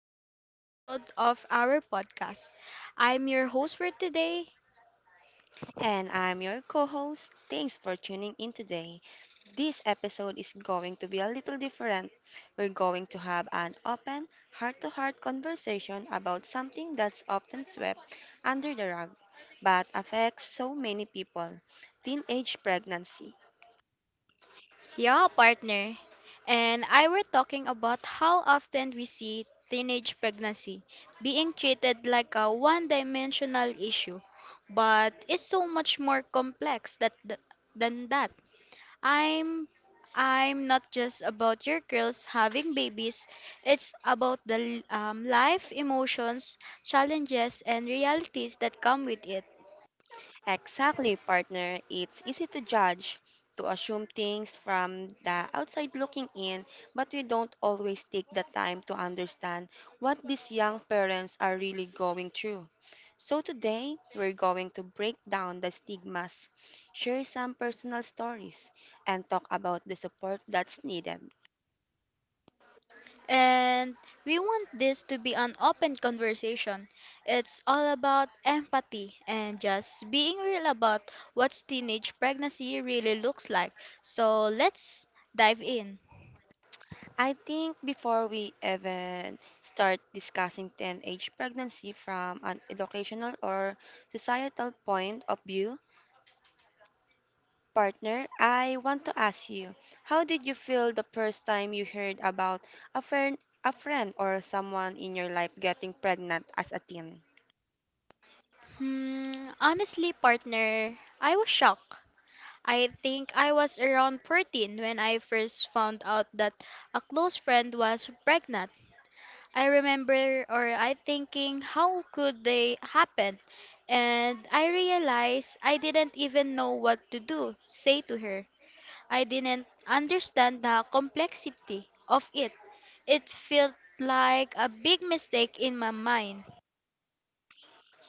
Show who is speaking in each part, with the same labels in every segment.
Speaker 1: another episode of our podcast. I'm your host for today,
Speaker 2: And I'm your co host. Thanks for tuning in today. This episode is going to be a little different. We're going to have an open, heart to heart conversation about something that's often swept under the rug but affects so many people teenage pregnancy.
Speaker 1: yeah, partner, and I were talking about how often we see teenage pregnancy being treated like a one-dimensional issue, but it's so much more complex than that. I'm I'm not just about your girls having babies. It's about the life emotions, challenges, and realities that come with it.
Speaker 2: Exactly, partner. It's easy to judge, to assume things from the outside looking in, but we don't always take the time to understand what these young parents are really going through. So, today, we're going to break down the stigmas, share some personal stories, and talk about the support that's needed.
Speaker 1: And we want this to be an open conversation. It's all about empathy and just being real about what teenage pregnancy really looks like. So let's dive in.
Speaker 2: I think before we even start discussing teenage pregnancy from an educational or societal point of view, partner, I want to ask you, how did you feel the first time you heard about a friend, a friend or someone in your life getting pregnant as a teen?
Speaker 1: Hmm, honestly, partner, I was shocked. I think I was around 14 when I first found out that a close friend was pregnant. I remember or I thinking how could they happen? And I realized I didn't even know what to do, say to her. I didn't understand the complexity of it. It felt like a big mistake in my mind.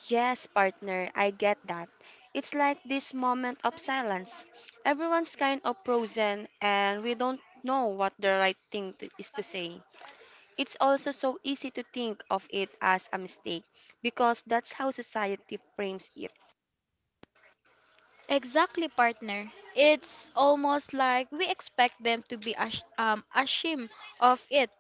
Speaker 2: Yes, partner, I get that. It's like this moment of silence. Everyone's kind of frozen and we don't know what the right thing to, is to say. It's also so easy to think of it as a mistake because that's how society frames it.
Speaker 1: Exactly, partner. It's almost like we expect them to be ashamed of it,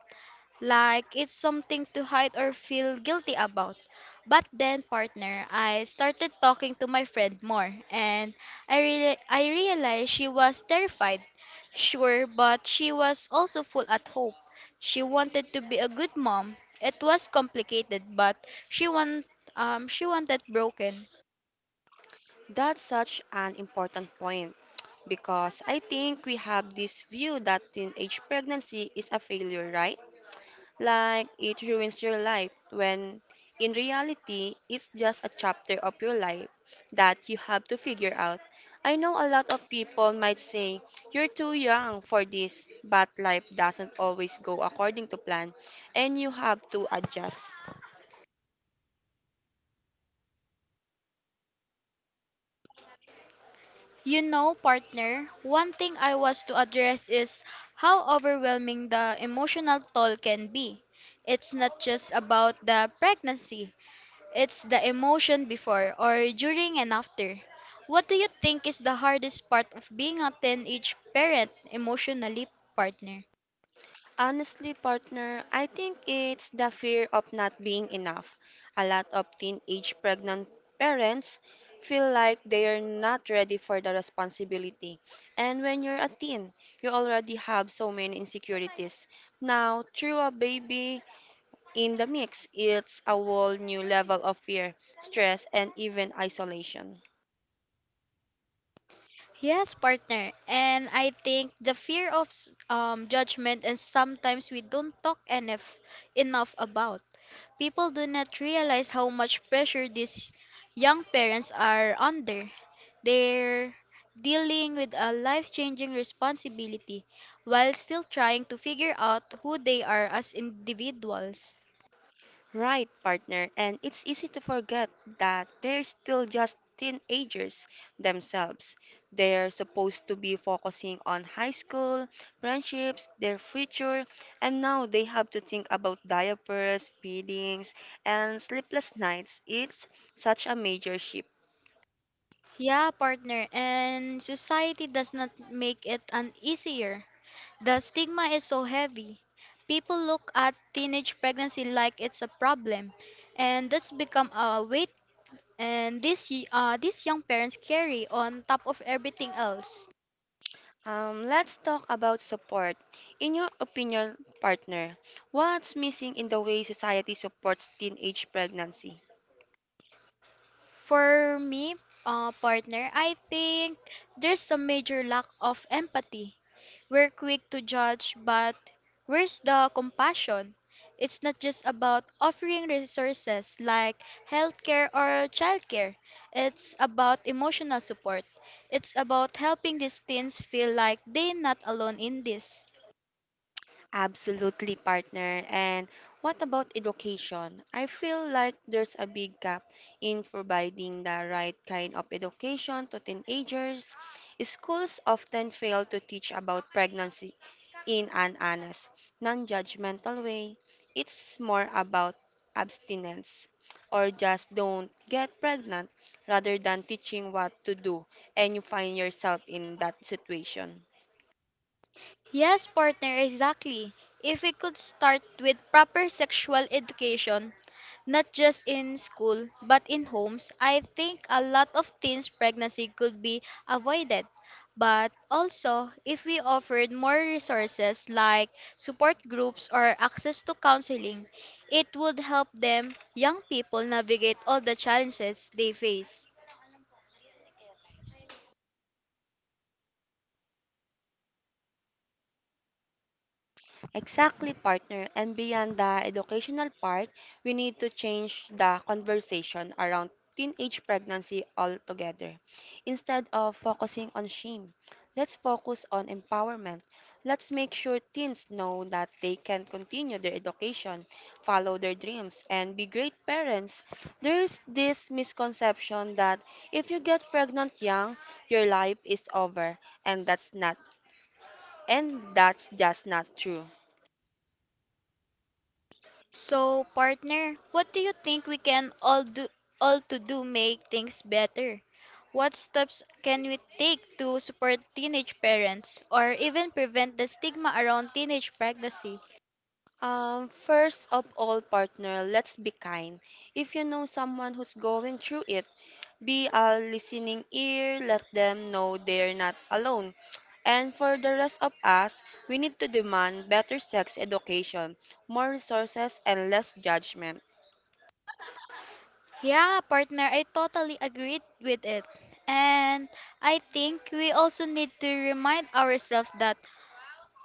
Speaker 1: like it's something to hide or feel guilty about. But then, partner, I started talking to my friend more, and I realized she was terrified. Sure, but she was also full at hope. She wanted to be a good mom. It was complicated, but she want she wanted broken.
Speaker 2: That's such an important point because I think we have this view that teenage pregnancy is a failure, right? Like it ruins your life when in reality it's just a chapter of your life that you have to figure out. I know a lot of people might say you're too young for this, but life doesn't always go according to plan and you have to adjust.
Speaker 1: You know, partner, one thing I was to address is how overwhelming the emotional toll can be. It's not just about the pregnancy, it's the emotion before or during and after. What do you think is the hardest part of being a teenage parent emotionally, partner?
Speaker 2: Honestly, partner, I think it's the fear of not being enough. A lot of teenage pregnant parents feel like they are not ready for the responsibility. And when you're a teen, you already have so many insecurities. Now, through a baby in the mix, it's a whole new level of fear, stress, and even isolation.
Speaker 1: Yes, partner. And I think the fear of judgment is sometimes we don't talk enough about. People do not realize how much pressure these young parents are under. They're dealing with a life changing responsibility while still trying to figure out who they are as individuals.
Speaker 2: Right, partner, and it's easy to forget that they're still just teenagers themselves. They're supposed to be focusing on high school, friendships, their future, and now they have to think about diapers, feedings, and sleepless nights. It's such a major shift.
Speaker 1: Yeah, partner, and society does not make it an easier. The stigma is so heavy. People look at teenage pregnancy like it's a problem, and that's become a weight and these young parents carry on top of everything else.
Speaker 2: Let's talk about support. In your opinion, partner, what's missing in the way society supports teenage pregnancy?
Speaker 1: For me, partner, I think there's a major lack of empathy. We're quick to judge, but where's the compassion? It's not just about offering resources like healthcare or childcare. It's about emotional support. It's about helping these teens feel like they're not alone in this.
Speaker 2: Absolutely, partner. And what about education? I feel like there's a big gap in providing the right kind of education to teenagers. Schools often fail to teach about pregnancy in an honest, non judgmental way. It's more about abstinence or just don't get pregnant rather than teaching what to do, and you find yourself in that situation.
Speaker 1: Yes, partner, exactly. If we could start with proper sexual education, not just in school, but in homes, I think a lot of teens' pregnancy could be avoided. But also, if we offered more resources like support groups or access to counseling, it would help them, young people, navigate all the challenges they face.
Speaker 2: Exactly, partner. And beyond the educational part, we need to change the conversation around teenage pregnancy altogether. Instead of focusing on shame, let's focus on empowerment. Let's make sure teens know that they can continue their education, follow their dreams, and be great parents. There's this misconception that if you get pregnant young, your life is over, and that's not and that's just not true.
Speaker 1: So, partner, what do you think we can all do all to do make things better? What steps can we take to support teenage parents or even prevent the stigma around teenage pregnancy?
Speaker 2: First of all, partner, let's be kind. If you know someone who's going through it, be a listening ear, let them know they're not alone. And for the rest of us, we need to demand better sex education, more resources, and less judgment.
Speaker 1: Yeah, partner, I totally agreed with it. And I think we also need to remind ourselves that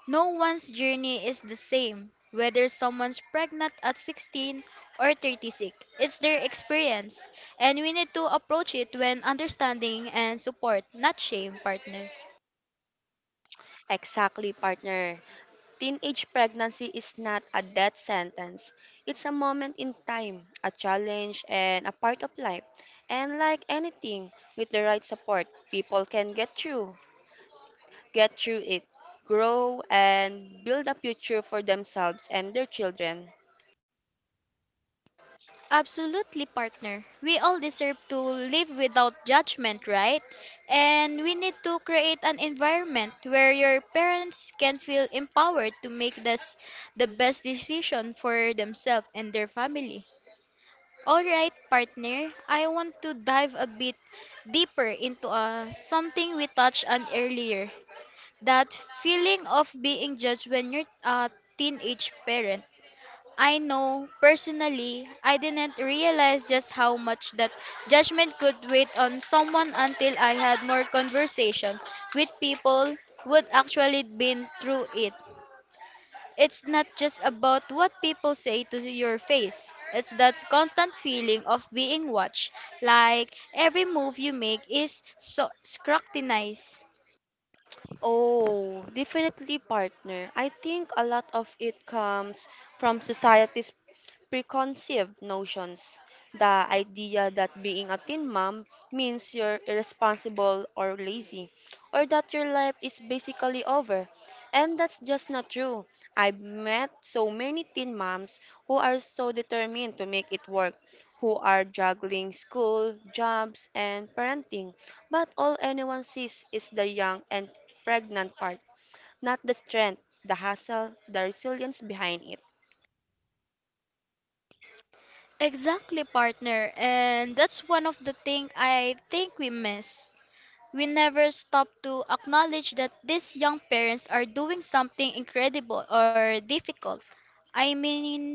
Speaker 1: no one's journey is the same, whether someone's pregnant at 16 or 36. It's their experience, and we need to approach it when understanding and support, not shame, partner.
Speaker 2: Exactly, partner. Teenage pregnancy is not a death sentence. It's a moment in time, a challenge, and a part of life. And like anything, with the right support, people can get through it, grow, and build a future for themselves and their children.
Speaker 1: Absolutely, partner. We all deserve to live without judgment, right? And we need to create an environment where your parents can feel empowered to make this the best decision for themselves and their family. Alright, partner, I want to dive a bit deeper into something we touched on earlier, that feeling of being judged when you're a teenage parent. I know personally, I didn't realize just how much that judgment could wait on someone until I had more conversation with people who had actually been through it. It's not just about what people say to your face. It's that constant feeling of being watched, like every move you make is so scrutinized.
Speaker 2: Oh, definitely, partner. I think a lot of it comes from society's preconceived notions. The idea that being a teen mom means you're irresponsible or lazy, or that your life is basically over. And that's just not true. I've met so many teen moms who are so determined to make it work, who are juggling school, jobs, and parenting. But all anyone sees is the young and pregnant part, not the strength, the hustle, the resilience behind it.
Speaker 1: Exactly, partner. And that's one of the things I think we miss. We never stop to acknowledge that these young parents are doing something incredible or difficult. I mean,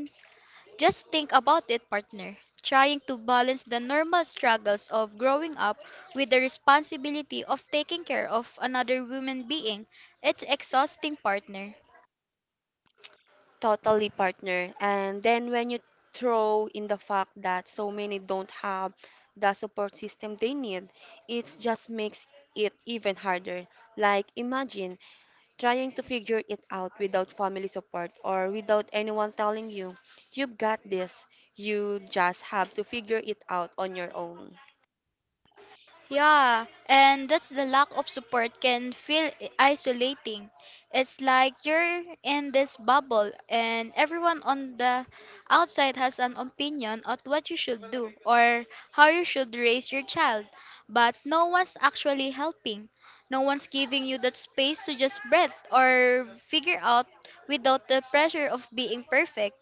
Speaker 1: just think about it, partner. Trying to balance the normal struggles of growing up with the responsibility of taking care of another human being. It's exhausting, partner.
Speaker 2: Totally, partner. And then when you throw in the fact that so many don't have the support system they need, it just makes it even harder. Like, imagine trying to figure it out without family support or without anyone telling you, you've got this. You just have to figure it out on your own.
Speaker 1: Yeah, and that's the lack of support can feel isolating. It's like you're in this bubble and everyone on the outside has an opinion on what you should do or how you should raise your child, but no one's actually helping. No one's giving you that space to just breathe or figure out without the pressure of being perfect.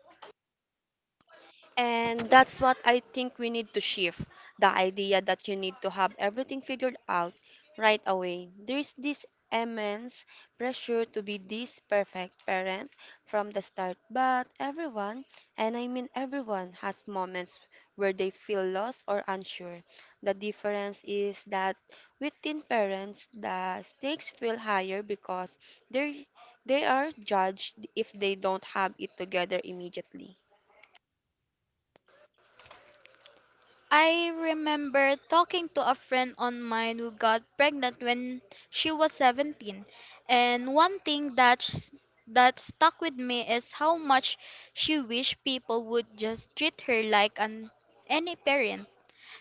Speaker 2: And that's what I think we need to shift the idea that you need to have everything figured out right away. There's this immense pressure to be this perfect parent from the start, but everyone, and I mean everyone, has moments where they feel lost or unsure. The difference is that with teen parents, the stakes feel higher because they they are judged if they don't have it together immediately.
Speaker 1: I remember talking to a friend on mine who got pregnant when she was 17, and one thing that stuck with me is how much she wished people would just treat her like an any parent.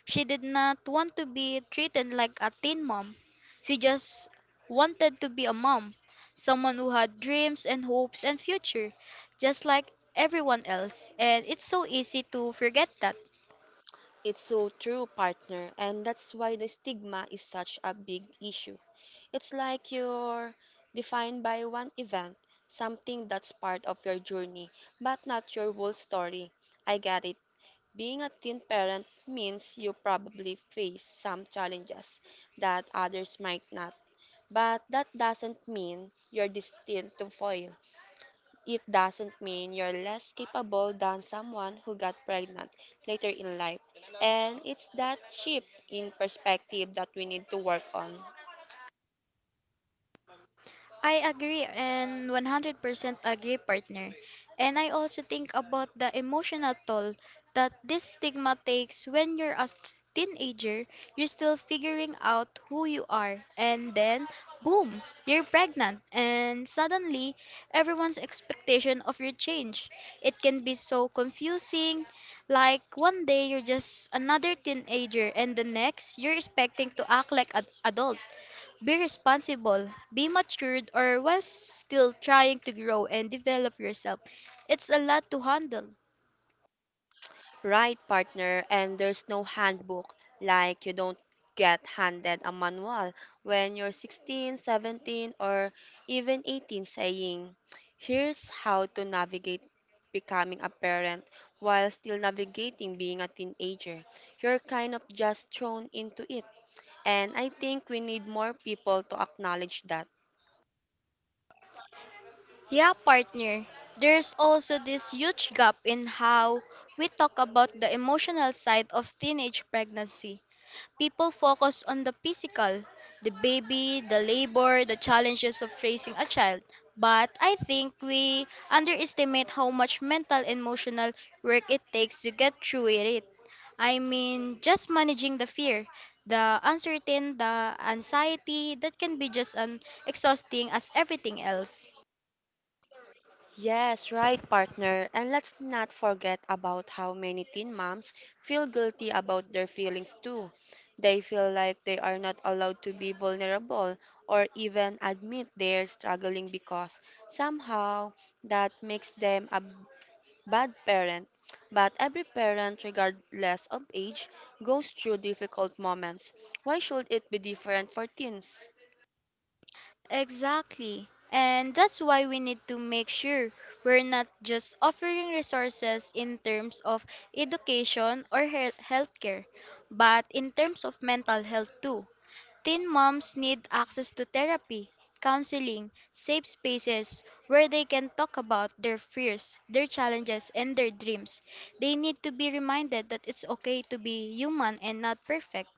Speaker 1: She did not want to be treated like a teen mom. She just wanted to be a mom, someone who had dreams and hopes and future, just like everyone else. And it's so easy to forget that.
Speaker 2: It's so true, partner, and that's why the stigma is such a big issue. It's like you're defined by one event, something that's part of your journey, but not your whole story. I get it. Being a teen parent means you probably face some challenges that others might not, but that doesn't mean you're destined to fail. It doesn't mean you're less capable than someone who got pregnant later in life. And it's that shift in perspective that we need to work on.
Speaker 1: I agree, and 100% agree, partner. And I also think about the emotional toll that this stigma takes. When you're a teenager, you're still figuring out who you are, and then boom, you're pregnant, and suddenly everyone's expectation of your change. It can be so confusing. Like one day you're just another teenager, and the next you're expecting to act like an adult. Be responsible, be matured, or while still trying to grow and develop yourself. It's a lot to handle.
Speaker 2: Right, partner, and there's no handbook. Like, you don't get handed a manual when you're 16, 17, or even 18 saying, here's how to navigate becoming a parent while still navigating being a teenager. You're kind of just thrown into it. And I think we need more people to acknowledge that.
Speaker 1: Yeah, partner. There's also this huge gap in how we talk about the emotional side of teenage pregnancy. People focus on the physical, the baby, the labor, the challenges of raising a child. But I think we underestimate how much mental and emotional work it takes to get through it. I mean, just managing the fear, the uncertain, the anxiety that can be just as exhausting as everything else.
Speaker 2: Yes, right, partner. And let's not forget about how many teen moms feel guilty about their feelings too. They feel like they are not allowed to be vulnerable or even admit they're struggling because somehow that makes them a bad parent. But every parent, regardless of age, goes through difficult moments. Why should it be different for teens?
Speaker 1: Exactly. And that's why we need to make sure we're not just offering resources in terms of education or healthcare, but in terms of mental health too. Teen moms need access to therapy, counseling, safe spaces where they can talk about their fears, their challenges, and their dreams. They need to be reminded that it's okay to be human and not perfect.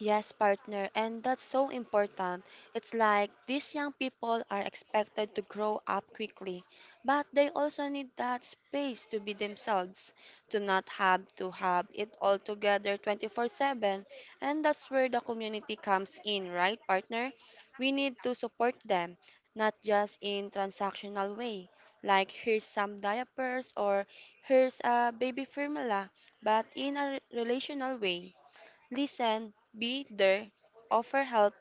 Speaker 2: Yes, partner, and that's so important. It's like these young people are expected to grow up quickly, but they also need that space to be themselves, to not have to have it all together 24/7. And that's where the community comes in, right, partner? We need to support them, not just in transactional way, like here's some diapers or here's a baby formula, but in a relational way. Listen, be there, offer help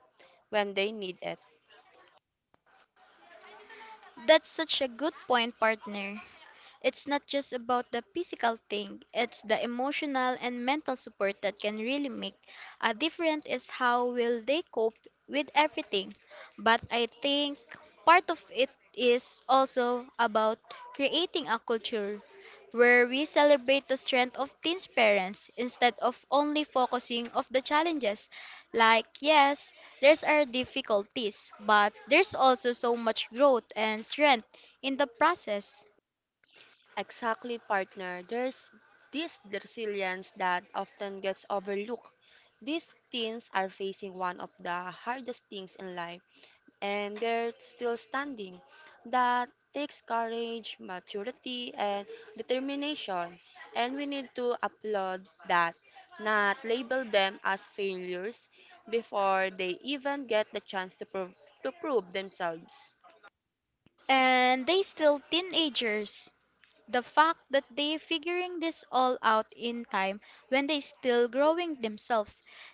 Speaker 2: when they need it.
Speaker 1: That's such a good point, partner. It's not just about the physical thing, it's the emotional and mental support that can really make a difference is how will they cope with everything. But I think part of it is also about creating a culture where we celebrate the strength of teens parents instead of only focusing of the challenges. Like yes, there's our difficulties, but there's also so much growth and strength in the process.
Speaker 2: Exactly, partner. There's this resilience that often gets overlooked. These teens are facing one of the hardest things in life and they're still standing. That takes courage, maturity, and determination. And we need to applaud that, not label them as failures before they even get the chance to prove themselves.
Speaker 1: And they still teenagers. The fact that they figuring this all out in time when they still growing themselves.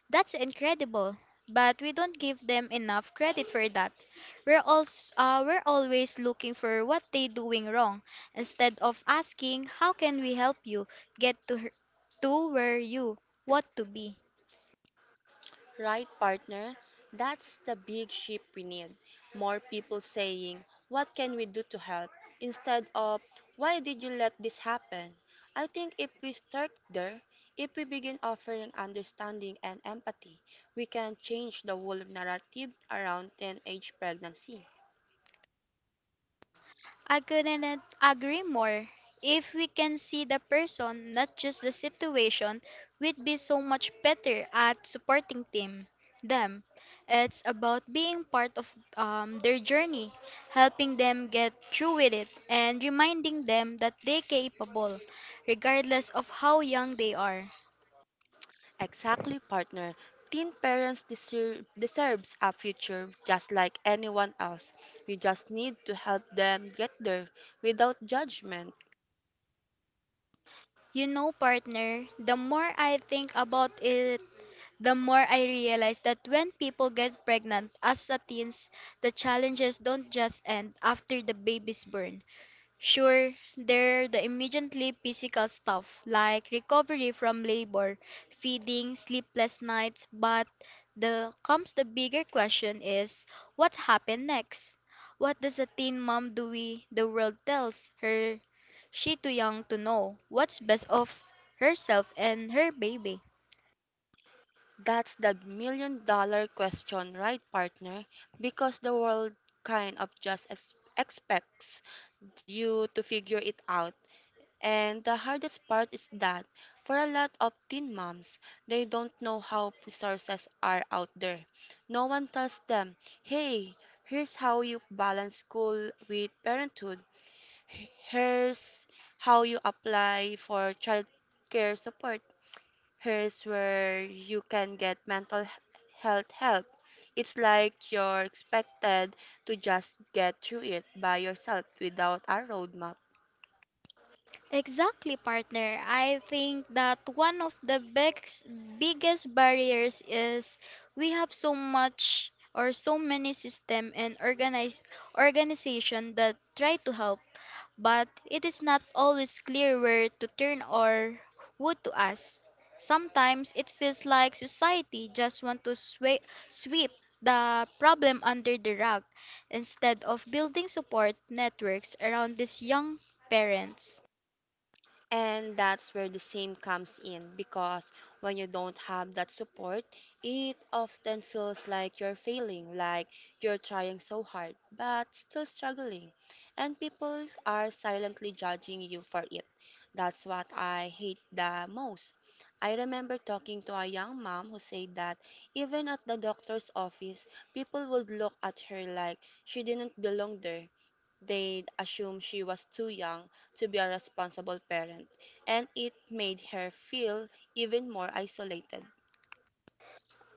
Speaker 1: That's incredible. But we don't give them enough credit for that. We're always looking for what they doing wrong instead of asking how can we help you get to where you want to be.
Speaker 2: Right, partner? That's the big shift we need. More people saying, what can we do to help? Instead of, why did you let this happen? I think if we start there, if we begin offering understanding and empathy, we can change the whole narrative around teenage pregnancy.
Speaker 1: I couldn't agree more. If we can see the person, not just the situation, we'd be so much better at supporting team them. It's about being part of their journey, helping them get through with it, and reminding them that they're capable, regardless of how young they are.
Speaker 2: Exactly, partner. Teen parents deserves a future just like anyone else. We just need to help them get there without judgment.
Speaker 1: You know, partner, the more I think about it, the more I realized that when people get pregnant as a teens, the challenges don't just end after the baby's born. Sure, there are the immediately physical stuff like recovery from labor, feeding, sleepless nights, but the comes the bigger question is what happened next? What does a teen mom do we the world tells her she too young to know what's best of herself and her baby?
Speaker 2: That's the million dollar question, right, partner? Because the world kind of just expects you to figure it out. And the hardest part is that for a lot of teen moms, they don't know how resources are out there. No one tells them, hey, here's how you balance school with parenthood. Here's how you apply for child care support. Here's where you can get mental health help. It's like you're expected to just get through it by yourself without a roadmap.
Speaker 1: Exactly, partner. I think that one of the biggest barriers is we have so much or so many system and organize organization that try to help, but it is not always clear where to turn or who to ask. Sometimes it feels like society just want to sweep the problem under the rug instead of building support networks around these young parents.
Speaker 2: And that's where the same comes in because when you don't have that support, it often feels like you're failing, like you're trying so hard but still struggling. And people are silently judging you for it. That's what I hate the most. I remember talking to a young mom who said that even at the doctor's office, people would look at her like she didn't belong there. They assumed she was too young to be a responsible parent, and it made her feel even more isolated.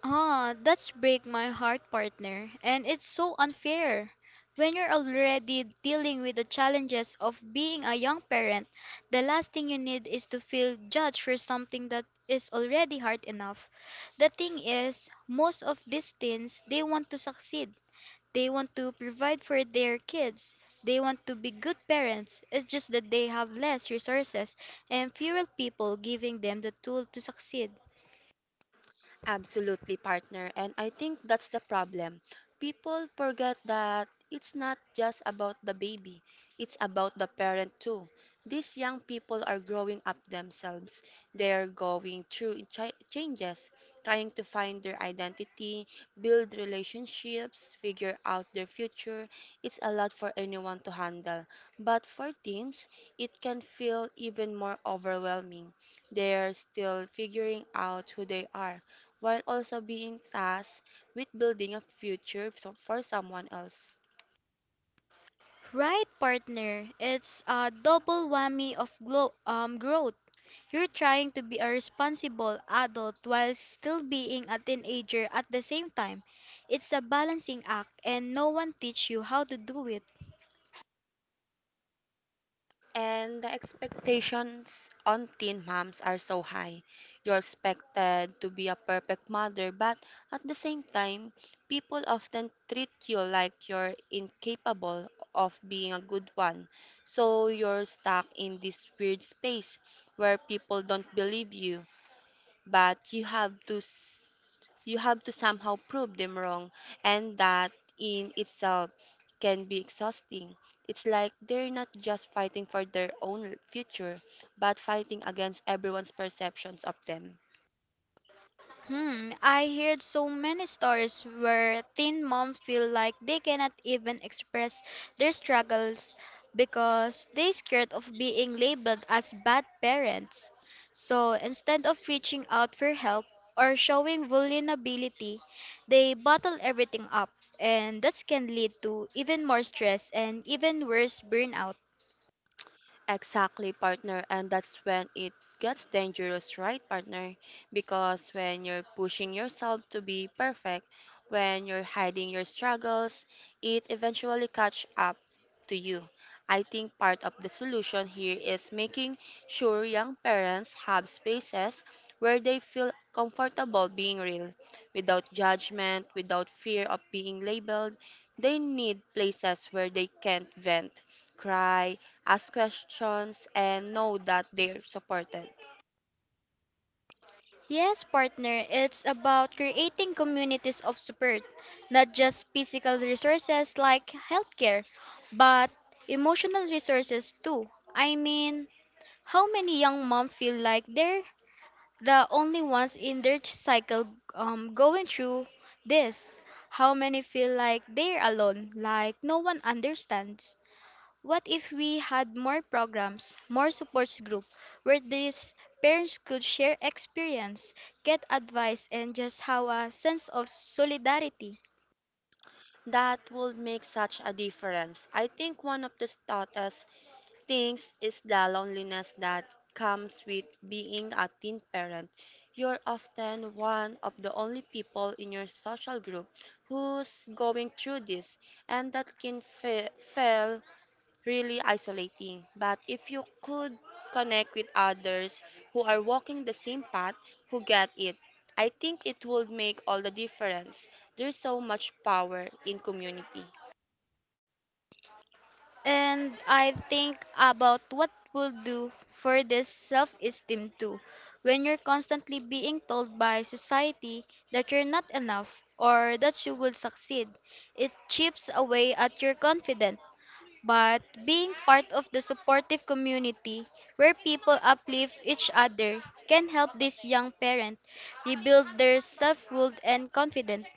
Speaker 1: Ah, that's break my heart, partner. And it's so unfair. When you're already dealing with the challenges of being a young parent, the last thing you need is to feel judged for something that is already hard enough. The thing is, most of these teens, they want to succeed. They want to provide for their kids. They want to be good parents. It's just that they have less resources and fewer people giving them the tool to succeed.
Speaker 2: Absolutely, partner. And I think that's the problem. People forget that it's not just about the baby, it's about the parent too. These young people are growing up themselves. They are going through changes, trying to find their identity, build relationships, figure out their future. It's a lot for anyone to handle. But for teens, it can feel even more overwhelming. They are still figuring out who they are while also being tasked with building a future for someone else.
Speaker 1: Right, partner. It's a double whammy of growth. You're trying to be a responsible adult while still being a teenager at the same time. It's a balancing act, and no one teach you how to do it.
Speaker 2: And the expectations on teen moms are so high. You're expected to be a perfect mother, but at the same time, people often treat you like you're incapable of being a good one. So you're stuck in this weird space where people don't believe you, but you have to somehow prove them wrong, and that in itself can be exhausting. It's like they're not just fighting for their own future but fighting against everyone's perceptions of them.
Speaker 1: Hmm, I heard so many stories where teen moms feel like they cannot even express their struggles because they're scared of being labeled as bad parents. So instead of reaching out for help or showing vulnerability, they bottle everything up, and that can lead to even more stress and even worse burnout.
Speaker 2: Exactly, partner. And that's when it gets dangerous, right, partner? Because when you're pushing yourself to be perfect, when you're hiding your struggles, it eventually catch up to you. I think part of the solution here is making sure young parents have spaces where they feel comfortable being real, without judgment, without fear of being labeled. They need places where they can vent, cry, ask questions, and know that they're supported.
Speaker 1: Yes, partner, it's about creating communities of support, not just physical resources like healthcare, but emotional resources too. I mean, how many young moms feel like they're the only ones in their cycle going through this? How many feel like they're alone, like no one understands? What if we had more programs, more support group where these parents could share experience, get advice and just have a sense of solidarity?
Speaker 2: That will make such a difference. I think one of the toughest things is the loneliness that comes with being a teen parent. You're often one of the only people in your social group who's going through this, and that can feel really isolating. But if you could connect with others who are walking the same path, who get it, I think it would make all the difference. There's so much power in community.
Speaker 1: And I think about what will do for this self esteem too. When you're constantly being told by society that you're not enough or that you will succeed, it chips away at your confidence. But being part of the supportive community where people uplift each other can help this young parent rebuild their self-worth and confidence.